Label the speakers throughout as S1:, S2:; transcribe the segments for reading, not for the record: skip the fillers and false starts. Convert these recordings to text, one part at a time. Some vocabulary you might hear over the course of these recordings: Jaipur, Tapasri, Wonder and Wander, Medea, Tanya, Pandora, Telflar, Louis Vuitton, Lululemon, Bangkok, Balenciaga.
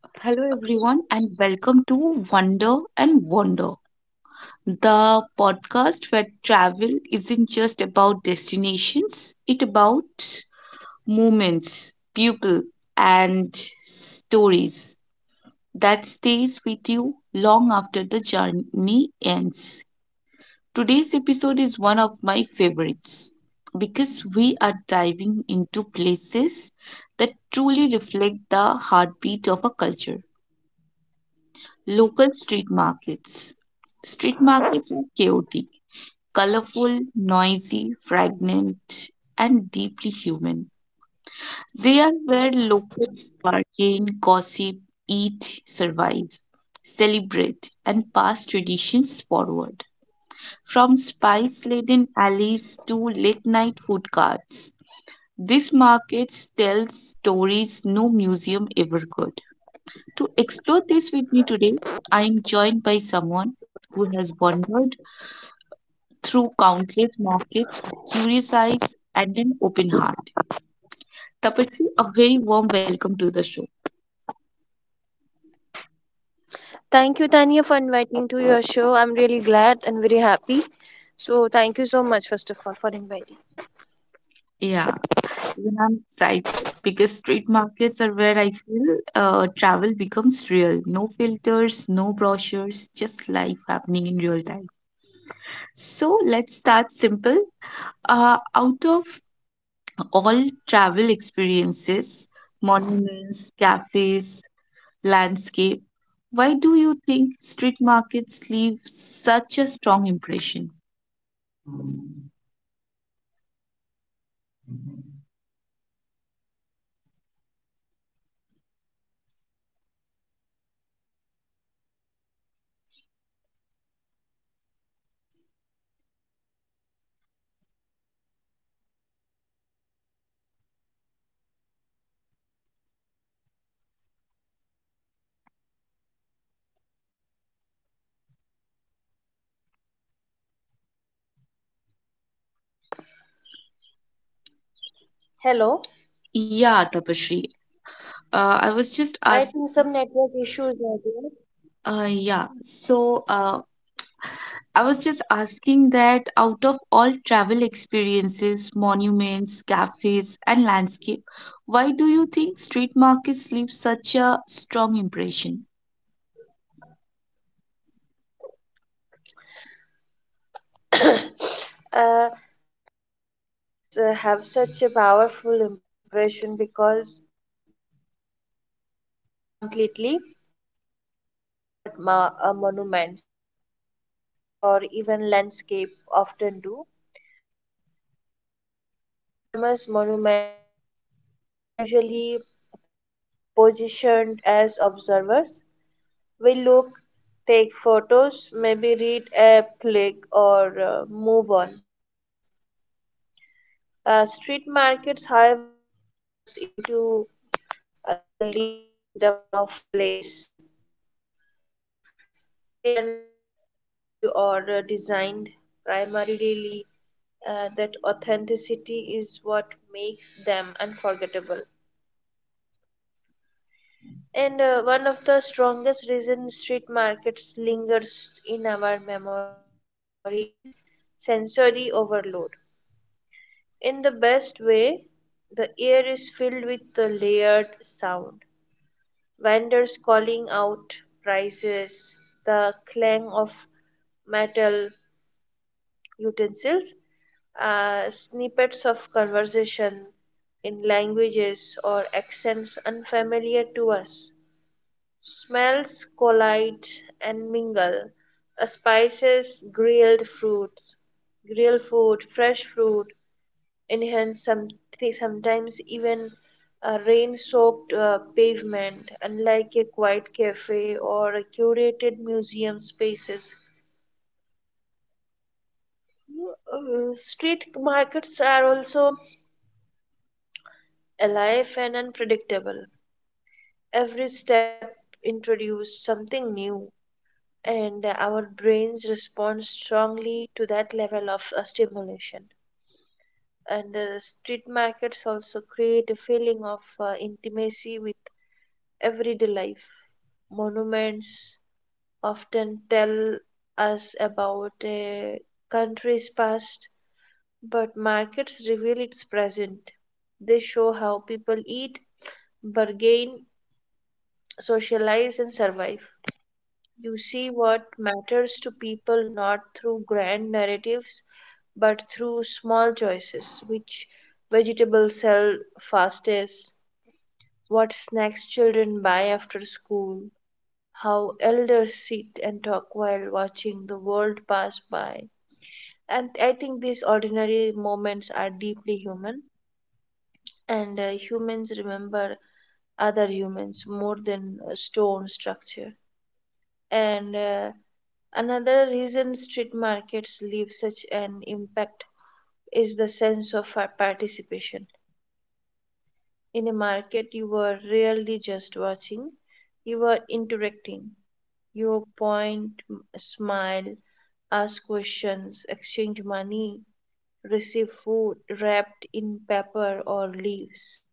S1: Hello, everyone, and welcome to Wonder and Wander, the podcast where travel isn't just about destinations, it's about moments, people, and stories that stays with you long after the journey ends. Today's episode is one of my favorites because we are diving into places that truly reflect the heartbeat of a culture. Local street markets. Street markets are chaotic, colorful, noisy, fragrant, and deeply human. They are where locals bargain, gossip, eat, survive, celebrate, and pass traditions forward. From spice laden alleys to late night food carts, these markets tell stories no museum ever could. To explore this with me today, I am joined by someone who has wandered through countless markets with curious eyes and an open heart. Tapasri, a very warm welcome to the show.
S2: Thank you, Tanya, for inviting to your show. I'm really glad and very happy. So thank you so much, first of all, for inviting.
S1: Yeah, even I'm excited because street markets are where I feel travel becomes real. No filters, no brochures, just life happening in real time. So let's start simple. Out of all travel experiences, monuments, cafes, landscape. Why do you think street markets leave such a strong impression?
S2: Hello.
S1: Yeah, Tapashri. I was just
S2: I
S1: ask. Yeah. So I was just asking that out of all travel experiences, monuments, cafes, and landscape, why do you think street markets leave such a strong impression?
S2: uh, Street markets have such a powerful impression because they engage us completely, far beyond what monuments, cafes, or even landscape often do. When we visit a famous monument, we are usually positioned as observers. We look, take photos, maybe read a plaque, or move on. Street markets, however, pulls us into the living rhythm of place. They are not frozen in history or designed primarily that authenticity is what makes them unforgettable. And One of the strongest reasons street markets lingers in our memory is sensory overload. In the best way, the air is filled with the layered sound. Vendors calling out prices, the clang of metal utensils, snippets of conversation in languages or accents unfamiliar to us. Smells collide and mingle. Spices, grilled fruit, grilled food, fresh fruit, enhance sometimes even a rain-soaked pavement, unlike a quiet cafe or a curated museum spaces. Street markets are also alive and unpredictable. Every step introduces something new and our brains respond strongly to that level of stimulation. And Street markets also create a feeling of intimacy with everyday life. Monuments often tell us about a country's past, but markets reveal its present. They show how people eat, bargain, socialize, and survive. You see what matters to people not through grand narratives but through small choices. Which vegetables sell fastest? What snacks children buy after school? How elders sit and talk while watching the world pass by. And I think these ordinary moments are deeply human, and humans remember other humans more than a stone structure. And Another reason street markets leave such an impact is the sense of participation. In a market, you were really just watching, you were interacting. You point, smile, ask questions, exchange money, receive food wrapped in paper or leaves.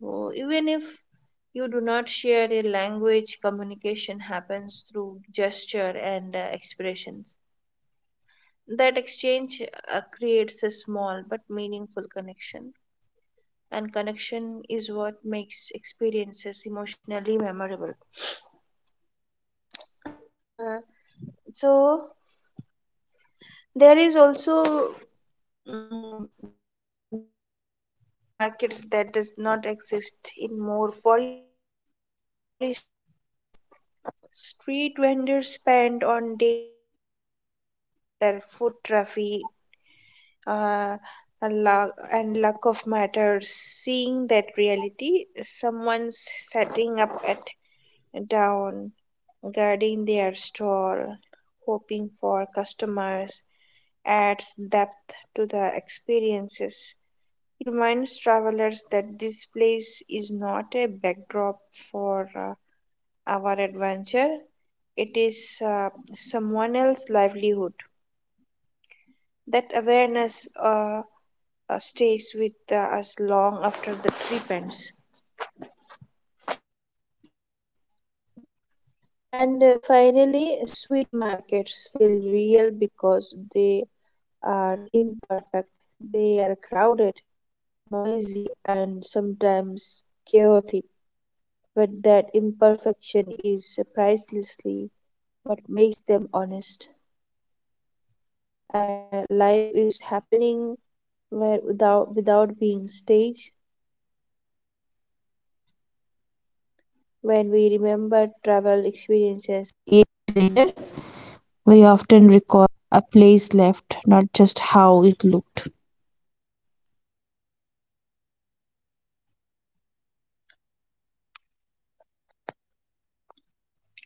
S2: So even if you do not share a language, communication happens through gesture and expressions. That exchange creates a small but meaningful connection, and connection is what makes experiences emotionally memorable. Uh, so there is also vulnerability in markets that does not exist in more polished travel spaces. Street vendors spend on daily wear sales, whether foot traffic uh, luck and luck of matter. Seeing that reality someone's setting up at down guarding their stall hoping for customers adds depth to the experiences. It reminds travelers that this place is not a backdrop for our adventure. It is someone else's livelihood. That awareness stays with us long after the trip ends. And Finally, sweet markets feel real because they are imperfect. They are crowded, noisy, and sometimes chaotic. But that imperfection is pricelessly what makes them honest. And Life is happening where without being staged when we remember travel experiences.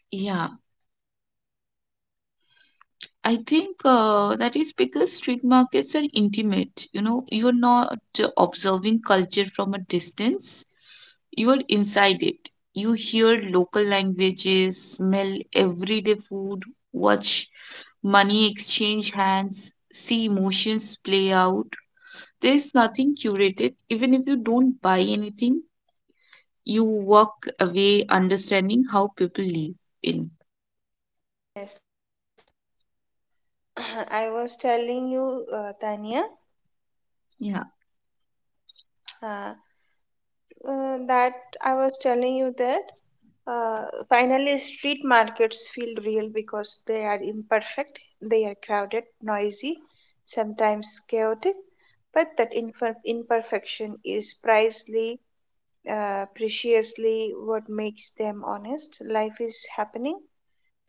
S1: Yeah, I think that is because street markets are intimate. You know, you're not observing culture from a distance, you are inside it. You hear local languages, smell everyday food, watch money exchange hands, see emotions play out. There's nothing curated. Even if you don't buy anything, you walk away understanding how people live in.
S2: I was telling you, Tanya,
S1: Yeah.
S2: uh, that I was telling you that finally street markets feel real because they are imperfect, they are crowded, noisy, sometimes chaotic, but that imperfection is preciously what makes them honest. Life is happening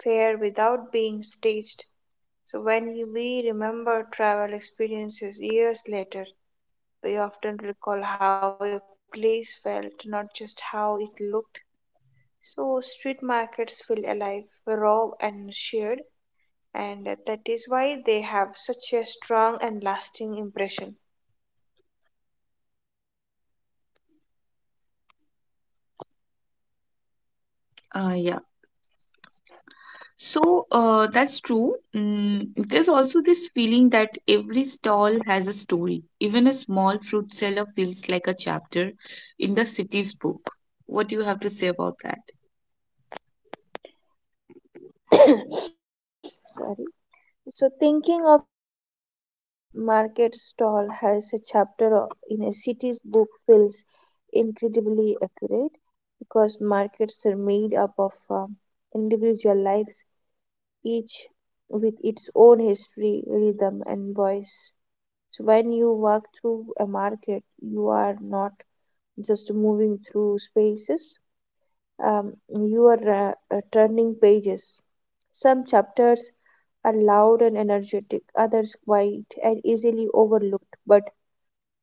S2: fair without being staged. So when we remember travel experiences years later, we often recall how a place felt, not just how it looked. So, street markets feel alive, raw, and shared, and that is why they have such a strong and lasting impression.
S1: Uh, yeah. That's true. There's also this feeling that every stall has a story. Even a small fruit seller feels like a chapter in the city's book. What do you have to say about that?
S2: Sorry. So, thinking of each street's market stall as a in a city's book feels incredibly accurate because markets are made up of individual lives, each with its own history, rhythm, and voice. So when you walk through a market, you are not just moving through spaces, you are turning pages. Some chapters are loud and energetic, others quiet and easily overlooked.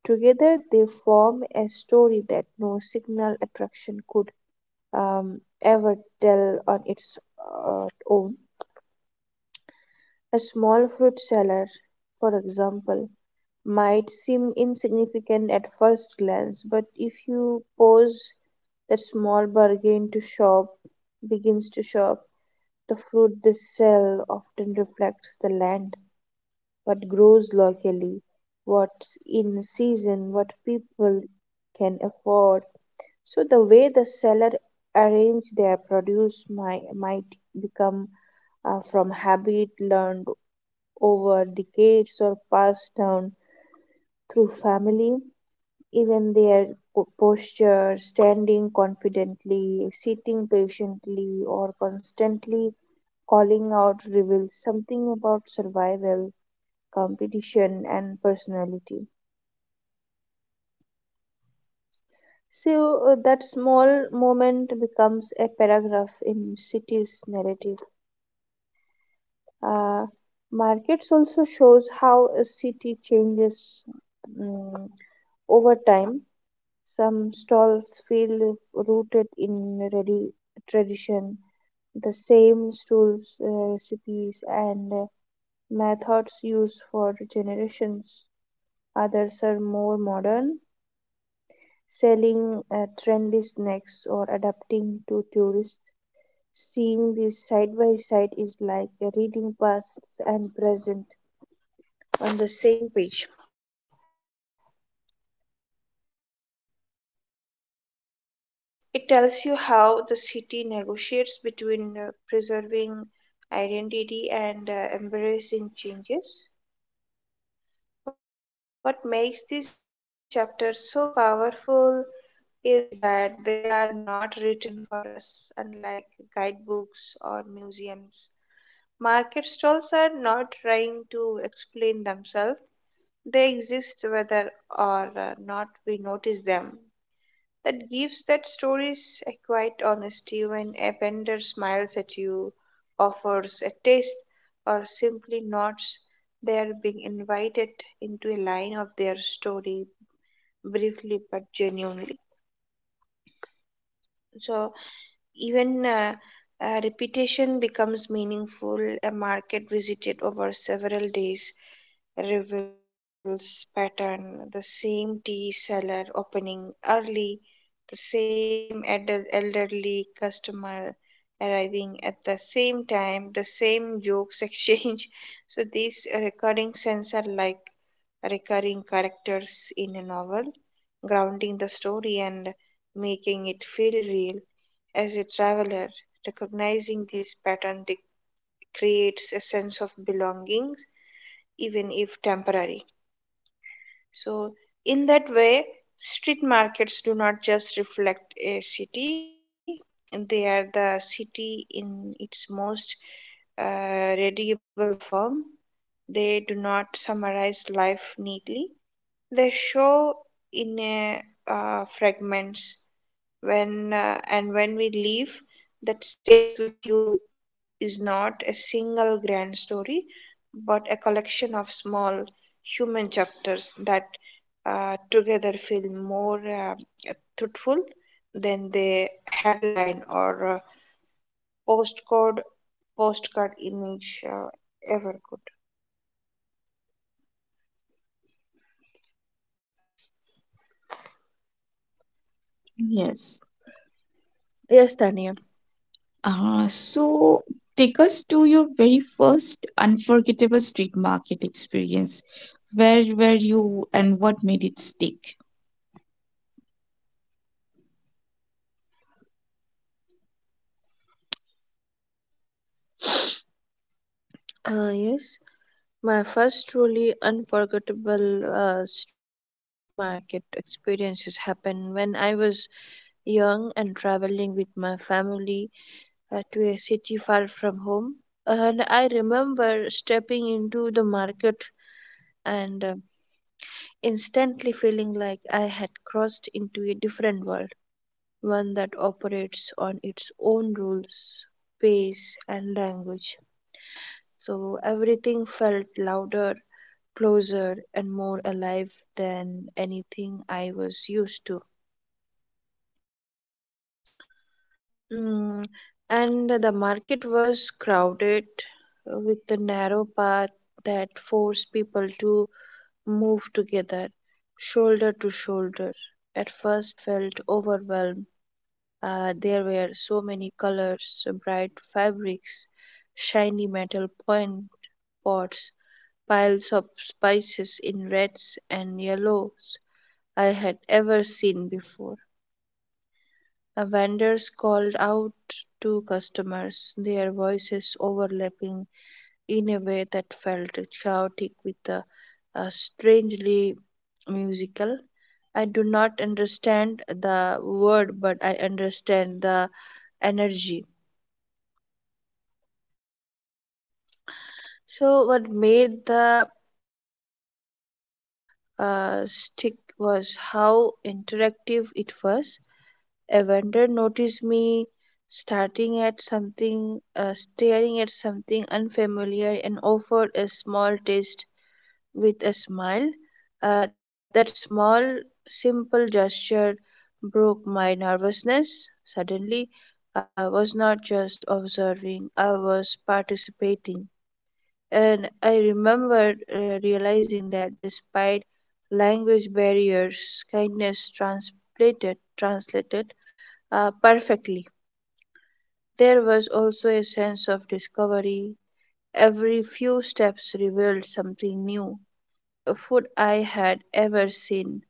S2: Together they form a story that no signal attraction could ever tell on its own. A small fruit seller, for example, might seem insignificant at first glance, but if you pause, that small bargain to shop begins to shop. The fruit they sell often reflects the land, what grows locally, what's in season, what people can afford. So the way the seller arrange their produce might become from habit learned over decades or passed down through family. Even their posture, standing confidently, sitting patiently, or constantly calling out reveals something about survival, competition, and personality. So that small moment becomes a paragraph in city's narrative. Uh, Markets also shows how a city changes mm over time. Some stalls feel rooted in tradition. The same tools, recipes, and methods used for generations. Others are more modern, selling trendy snacks or adapting to tourists. Seeing this side by side is like reading past and present on the same page, and it tells you how the city negotiates between preserving identity and embracing changes. What makes these chapters so powerful is that they are not written for us, unlike guidebooks or museums. Market stalls are not trying to explain themselves, they exist whether or not we notice them. That gives that stories a quiet honesty. When a vendor smiles at you, offers a taste, or simply nods, they are being invited into a line of their story briefly but genuinely. Even repetition becomes meaningful. A market visited over several days reveals pattern. The same tea seller opening early, the same adult elderly customer arriving at the same time, the same jokes exchanged. So these recurring scenes are like recurring characters in a novel, grounding the story and making it feel real. As a traveler, recognizing these patterns creates a sense of belonging, even if temporary. So, in that way, street markets do not just reflect a city, they are the city in its most readable form. They do not summarize life neatly, they show in fragments. When and when we leave, that stays with you is not a single grand story, but a collection of small human chapters that together feel more truthful than the headline or postcode postcard image ever could.
S1: Yes.
S2: Yes, Tanya.
S1: So take us to your very first unforgettable street market experience. Where were you and what made it stick?
S2: Yes. My first truly unforgettable street market experiences happened when I was young and traveling with my family to a city far from home. And I remember stepping into the market and instantly feeling like I had crossed into a different world, one that operates on its own rules, pace, and language. So everything felt louder, closer, and more alive than anything I was used to. Mm, and the market was crowded with a narrow path that forced people to move together, shoulder to shoulder. At first, I felt overwhelmed. There were so many colors, bright fabrics, shiny metal point pots, piles of spices in reds and yellows I had ever seen before. A vendors called out to customers, their voices overlapping in a way that felt chaotic with a strangely musical. I do not understand the word, but I understand the energy. So, what made the experience stick was how interactive it was. A vendor noticed me starting at something, staring at something unfamiliar and offered a small taste with a smile. That small, simple gesture broke my nervousness. Suddenly, I was not just observing, I was participating. And I remembered realizing that despite language barriers, kindness translated perfectly. There was also a sense of discovery. Every few steps revealed something new, a food I had ever seen.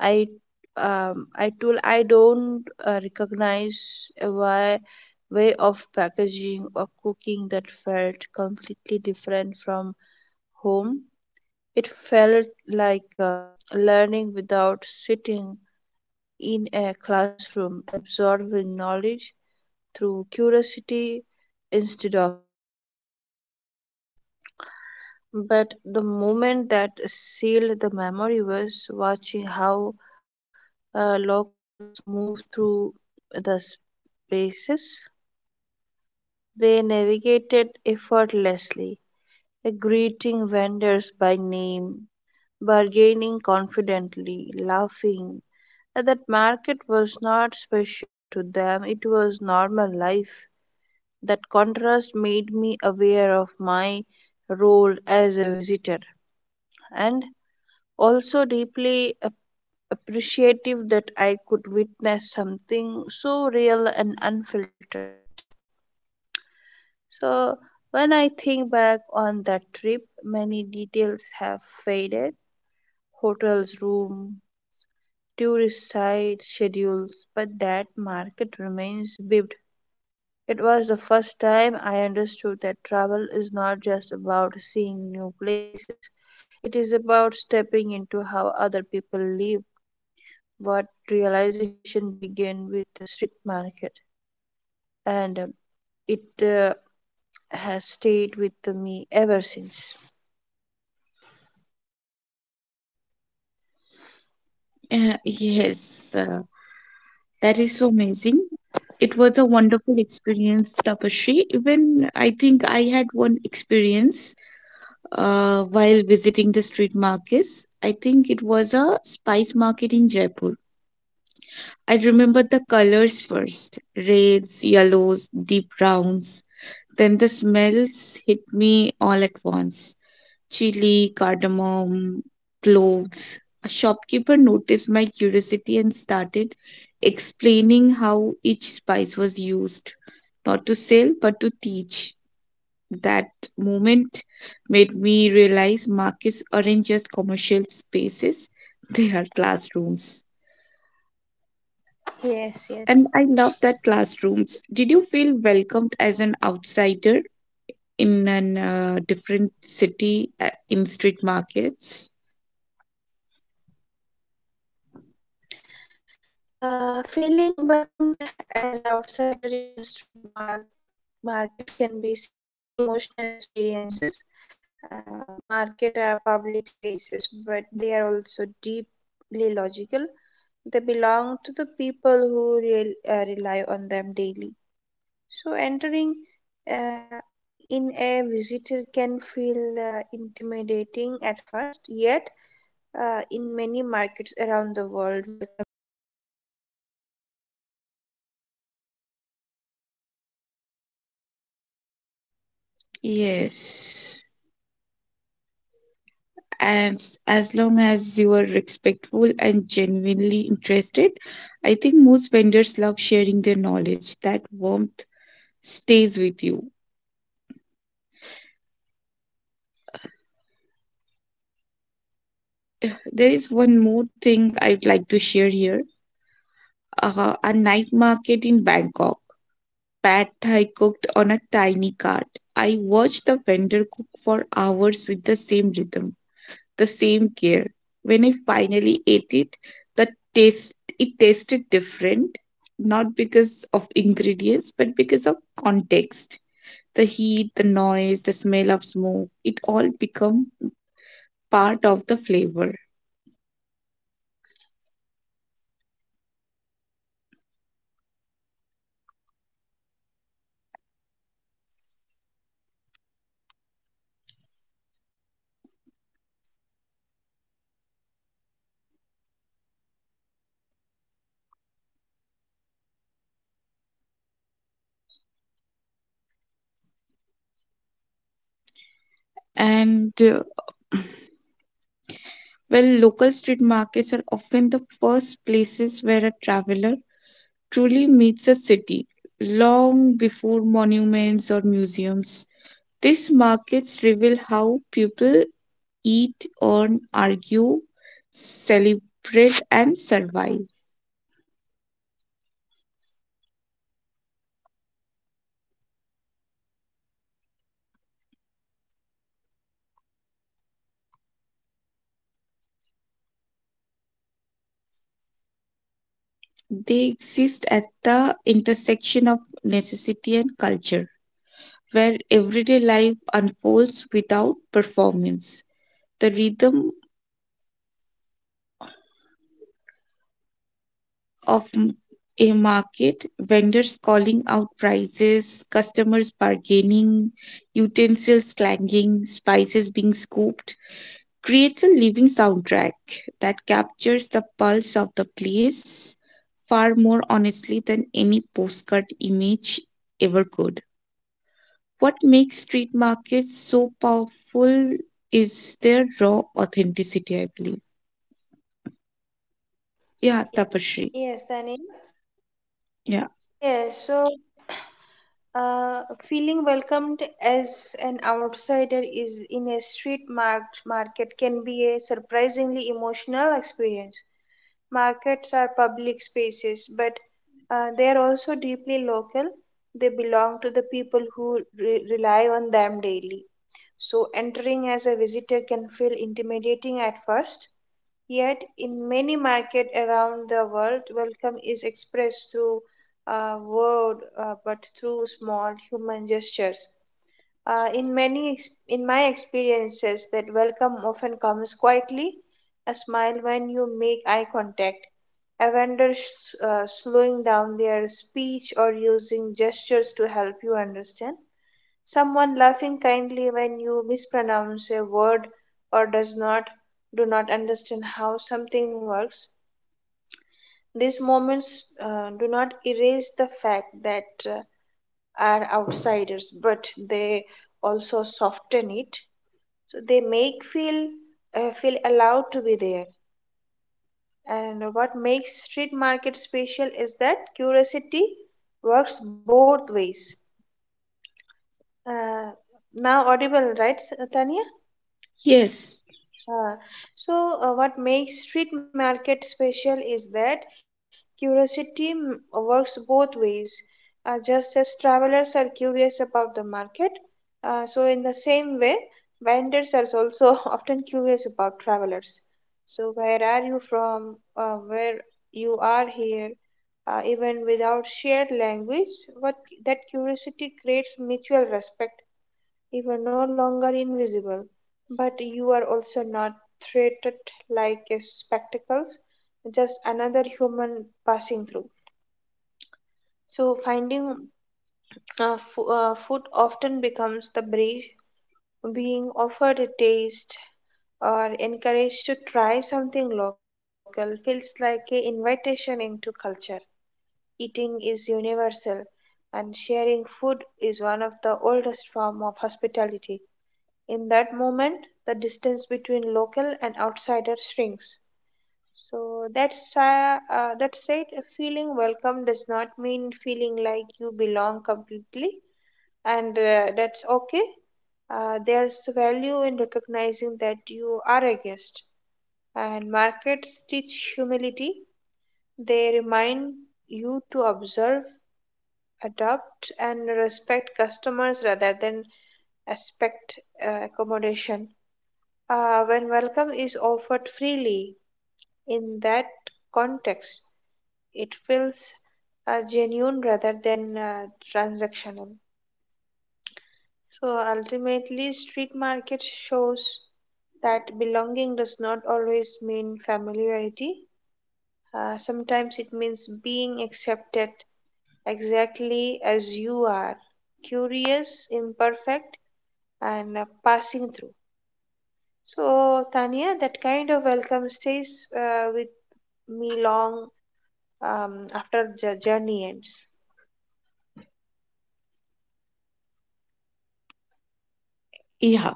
S2: I I told I don't recognize a why way of packaging or cooking that felt completely different from home. It felt like learning without sitting in a classroom, absorbing knowledge through curiosity instead of instruction. But the moment that sealed the memory was watching how locals moved through the spaces. They navigated effortlessly, greeting vendors by name, bargaining confidently, laughing. That market was not special to them, it was normal life. That contrast made me aware of my role as a visitor and also deeply appreciative that I could witness something so real and unfiltered. So, when I think back on that trip, many details have faded, hotels, room, tourist site, schedules, but that market remains vivid. It was the first time I understood that travel is not just about seeing new places, it is about stepping into how other people live. What realization began with the street market, and it has stayed with me ever since.
S1: Uh, yes, uh, that is so amazing. It was a wonderful experience, Tapashri. Even I think I had one experience while visiting the street markets. I think it was a spice market in Jaipur. I remember the colors first, reds, yellows, deep browns. Then the smells hit me all at once. Chili, cardamom, cloves. A shopkeeper noticed my curiosity and started explaining how each spice was used, not to sell but to teach. That moment made me realize markets aren't just commercial spaces, they are classrooms. And I
S2: Yes,
S1: love that
S2: yes.
S1: classrooms. Did you feel welcomed as an outsider in a different city in street markets?
S2: Feeling welcomed as an outsider in a market can be seriously emotional experiences. Market are public spaces, but they are also deeply logical. They belong to the people who rely on them daily. So entering uh, in a visitor can feel intimidating at first, yet in many markets around the world, welcome is experienced not through word but through small human gestures. In my experiences, what
S1: Yes.
S2: welcome often comes is quietly
S1: And
S2: a
S1: as long
S2: smile
S1: as
S2: when
S1: you
S2: you
S1: are
S2: make eye
S1: respectful and
S2: contacts,
S1: genuinely
S2: a vendor
S1: interested,
S2: showing
S1: I think
S2: down
S1: most vendors
S2: their
S1: love sharing their
S2: speech or
S1: knowledge. That
S2: using
S1: warmth
S2: gestures to help you
S1: stays with
S2: understand,
S1: you.
S2: and someone laughing kindly when you
S1: There
S2: mispronounce
S1: is
S2: a
S1: one more
S2: word or
S1: thing
S2: do
S1: I'd
S2: not
S1: like to share
S2: understand
S1: here,
S2: how something works.
S1: a
S2: So
S1: night
S2: these
S1: market
S2: moments
S1: in
S2: do not
S1: Bangkok.
S2: erase the fact
S1: Pad
S2: that
S1: thai cooked on
S2: you
S1: a
S2: are
S1: tiny cart.
S2: outsider,
S1: I
S2: but
S1: watched the vendor cook
S2: uh,
S1: for
S2: they
S1: hours with the
S2: stolen,
S1: same
S2: soften
S1: rhythm,
S2: it,
S1: the
S2: and
S1: same care. When I
S2: make you feel
S1: finally ate
S2: allowed
S1: it,
S2: to be
S1: the
S2: there.
S1: taste,
S2: What
S1: it
S2: makes
S1: tasted
S2: a street
S1: different,
S2: make special
S1: not
S2: is
S1: because
S2: that
S1: of ingredients, but because
S2: curiosity
S1: of
S2: works both
S1: context.
S2: ways
S1: The
S2: just
S1: heat,
S2: as
S1: the noise,
S2: travelers
S1: the
S2: are
S1: smell of
S2: curious
S1: smoke,
S2: about the
S1: it all
S2: market,
S1: become
S2: so in the same
S1: part
S2: way,
S1: of the
S2: vendors
S1: flavor.
S2: are also curious about travelers. So, where you are from, why are you here, even without shared language? I think that curiosity creates. Uh, am I audible?
S1: And uh,
S2: Tania?
S1: Local street markets are often the first places
S2: Hello?
S1: where a traveler truly meets a city, long before monuments or museums. These markets reveal how people eat, earn, argue, celebrate, and survive. They exist at the intersection of necessity and culture, where everyday life unfolds without performance. The rhythm of a market, vendors calling out prices, customers bargaining, utensils clanging, spices being scooped, creates a living soundtrack that captures the pulse of the place far more honestly than any postcard image ever could. What makes street markets so powerful is their raw authenticity, I believe. Yeah, Tapashri.
S2: No, they were.
S1: Yeah.
S2: Yes, so feeling welcomed as an outsider is in a street marked market can be a surprisingly emotional experience. Markets are public spaces, but they are also deeply local. They belong to the people who rely on them daily. So as a visitor can feel intimidating at first, yet, in many markets around the world, welcome is expressed through word, but through small human gestures. In my experiences, that welcome often comes quietly, a smile when you make eye contact, a vendor slowing down their speech or using gestures to help you understand someone laughing kindly when you mispronounce a word or does not do not understand how something works. These moments do not erase the fact that uh, are outsiders, but they also soften it, so they make feel feel allowed to be there. And what makes street market special is that curiosity works both ways. uh, Now audible, right, Tanya?
S1: Yes.
S2: Uh, what makes street market special is that curiosity works both ways. Just as travelers are curious about the market, so same way, vendors are also often curious about travelers. So, where are you from? Where you are here? Even without shared language, what that curiosity creates mutual respect. You are no longer invisible, but you are also not treated like a spectacle, just another human passing through. So, finding food often becomes the bridge, being offered a taste or encouraged to try something local feels like an invitation into culture. Eating is universal, and sharing food is one of the oldest forms of hospitality. In that moment, the distance between local and outsider shrinks. So that said, feeling welcome does not mean feeling like you belong completely, and that's okay. There's value in recognizing that you are a guest. And markets teach humility. They remind you to observe, adapt, and respect customers rather than expect accommodation. When welcome is offered freely in that context, it feels genuine rather than transactional. So ultimately, street market shows that belonging does not always mean familiarity. Sometimes it means being accepted exactly as you are, curious, imperfect, and passing through. So, Tanya, that kind of welcome stays with me long after the journey ends.
S1: Yeah.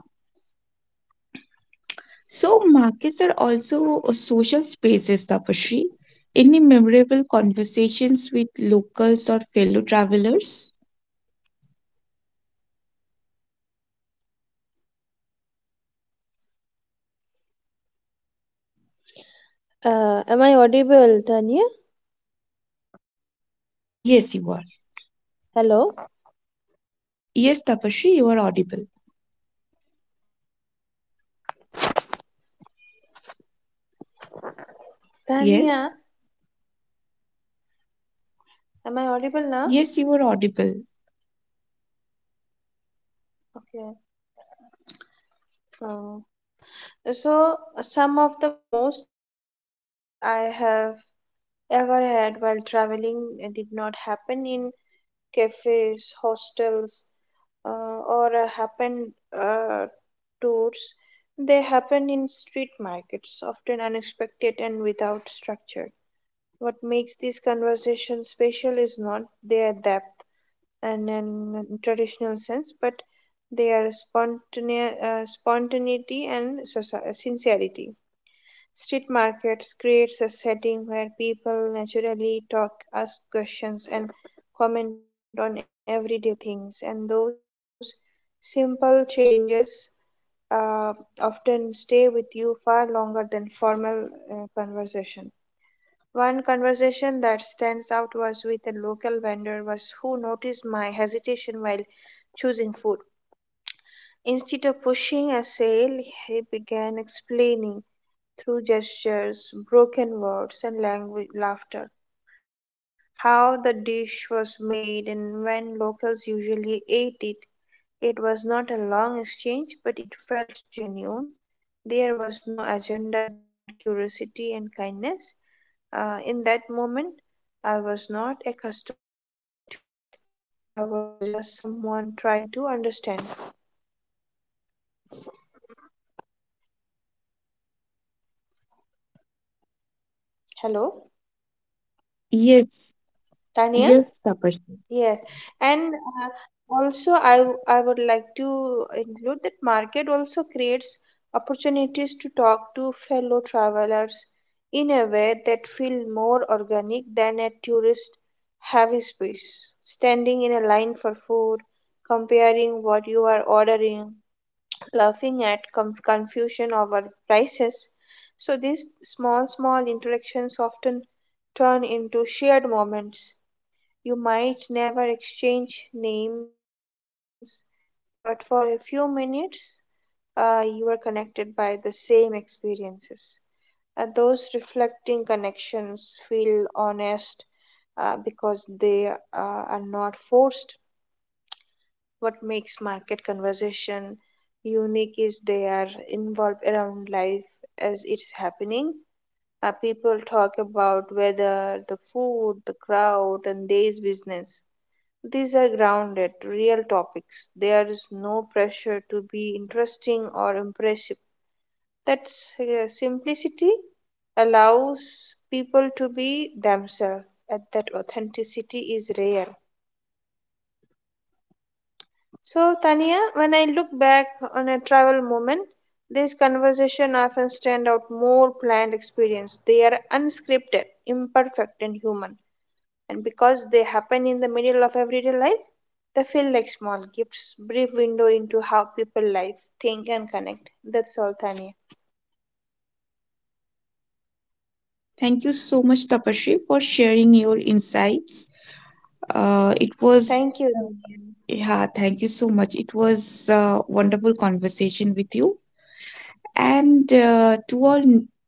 S1: So markets are also social spaces, Tapashri. Any memorable conversations with locals or fellow travelers?
S2: Uh, well, Tanya,
S1: Yes, you are.
S2: hello.
S1: Yes, Tapasri, you are audible.
S2: Tania,
S1: Yes,
S2: am I audible now?
S1: yes, you are audible.
S2: Okay. Uh, so, some of the most conversations I have ever had while traveling did not happen in cafes, hostels, or happened uh, tours. They in street markets, often unexpected and without structure. What makes these conversations special is not their depth and in traditional sense, but their spontaneity and sincerity. Street markets creates a setting where people naturally talk, ask questions, and comment on everyday things, and those simple changes often stay with you far longer than formal conversation. One conversation that stands with a local vendor was who noticed my hesitation while choosing food. Instead of pushing a sale, he began explaining through gestures, broken words, and language laughter how the dish was made and when locals usually ate it. It was not a long exchange, but it felt genuine. There was no agenda beyond curiosity and kindness. In that moment, I was not a customer or a tourist. I was just someone trying. Hello,
S1: Yes,
S2: Tania?
S1: yes, Tapasri.
S2: Yes. And also, I would like to include that market also creates opportunities to talk to fellow travelers in a way that feel more organic than a tourist heavy space. Standing in a line for food, comparing what you are ordering, laughing at confusion over prices. So these small, small interactions often turn into shared moments. You might never exchange names, but for a few minutes, you are connected by the same experiences. Those reflecting connections feel honest because they are not forced. What makes market conversation unique is they are involved around life as it's happening. People talk about weather, the food, the crowd, and day's business. These are grounded, real topics. There is no pressure to be interesting or impressive. That simplicity allows people to be themselves, and that authenticity is rare. So, Tania, when I look back on a travel moment, these conversations often stand out more planned experience. They are unscripted, imperfect, and human. And because they happen in the middle of everyday life, they feel like small gifts, brief window into how people live, think, and connect. That's all, Tania.
S1: Thank you so much, Tapasri, for sharing your insights. It was,
S2: Thank you, Tania.
S1: yeah, thank you so much. It was a wonderful conversation with you. And To all,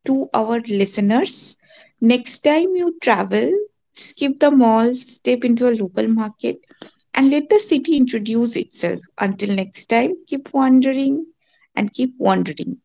S1: to our listeners, next time you travel, skip the mall, step into a local market and let the city introduce itself. Until next time, keep wandering and keep wandering.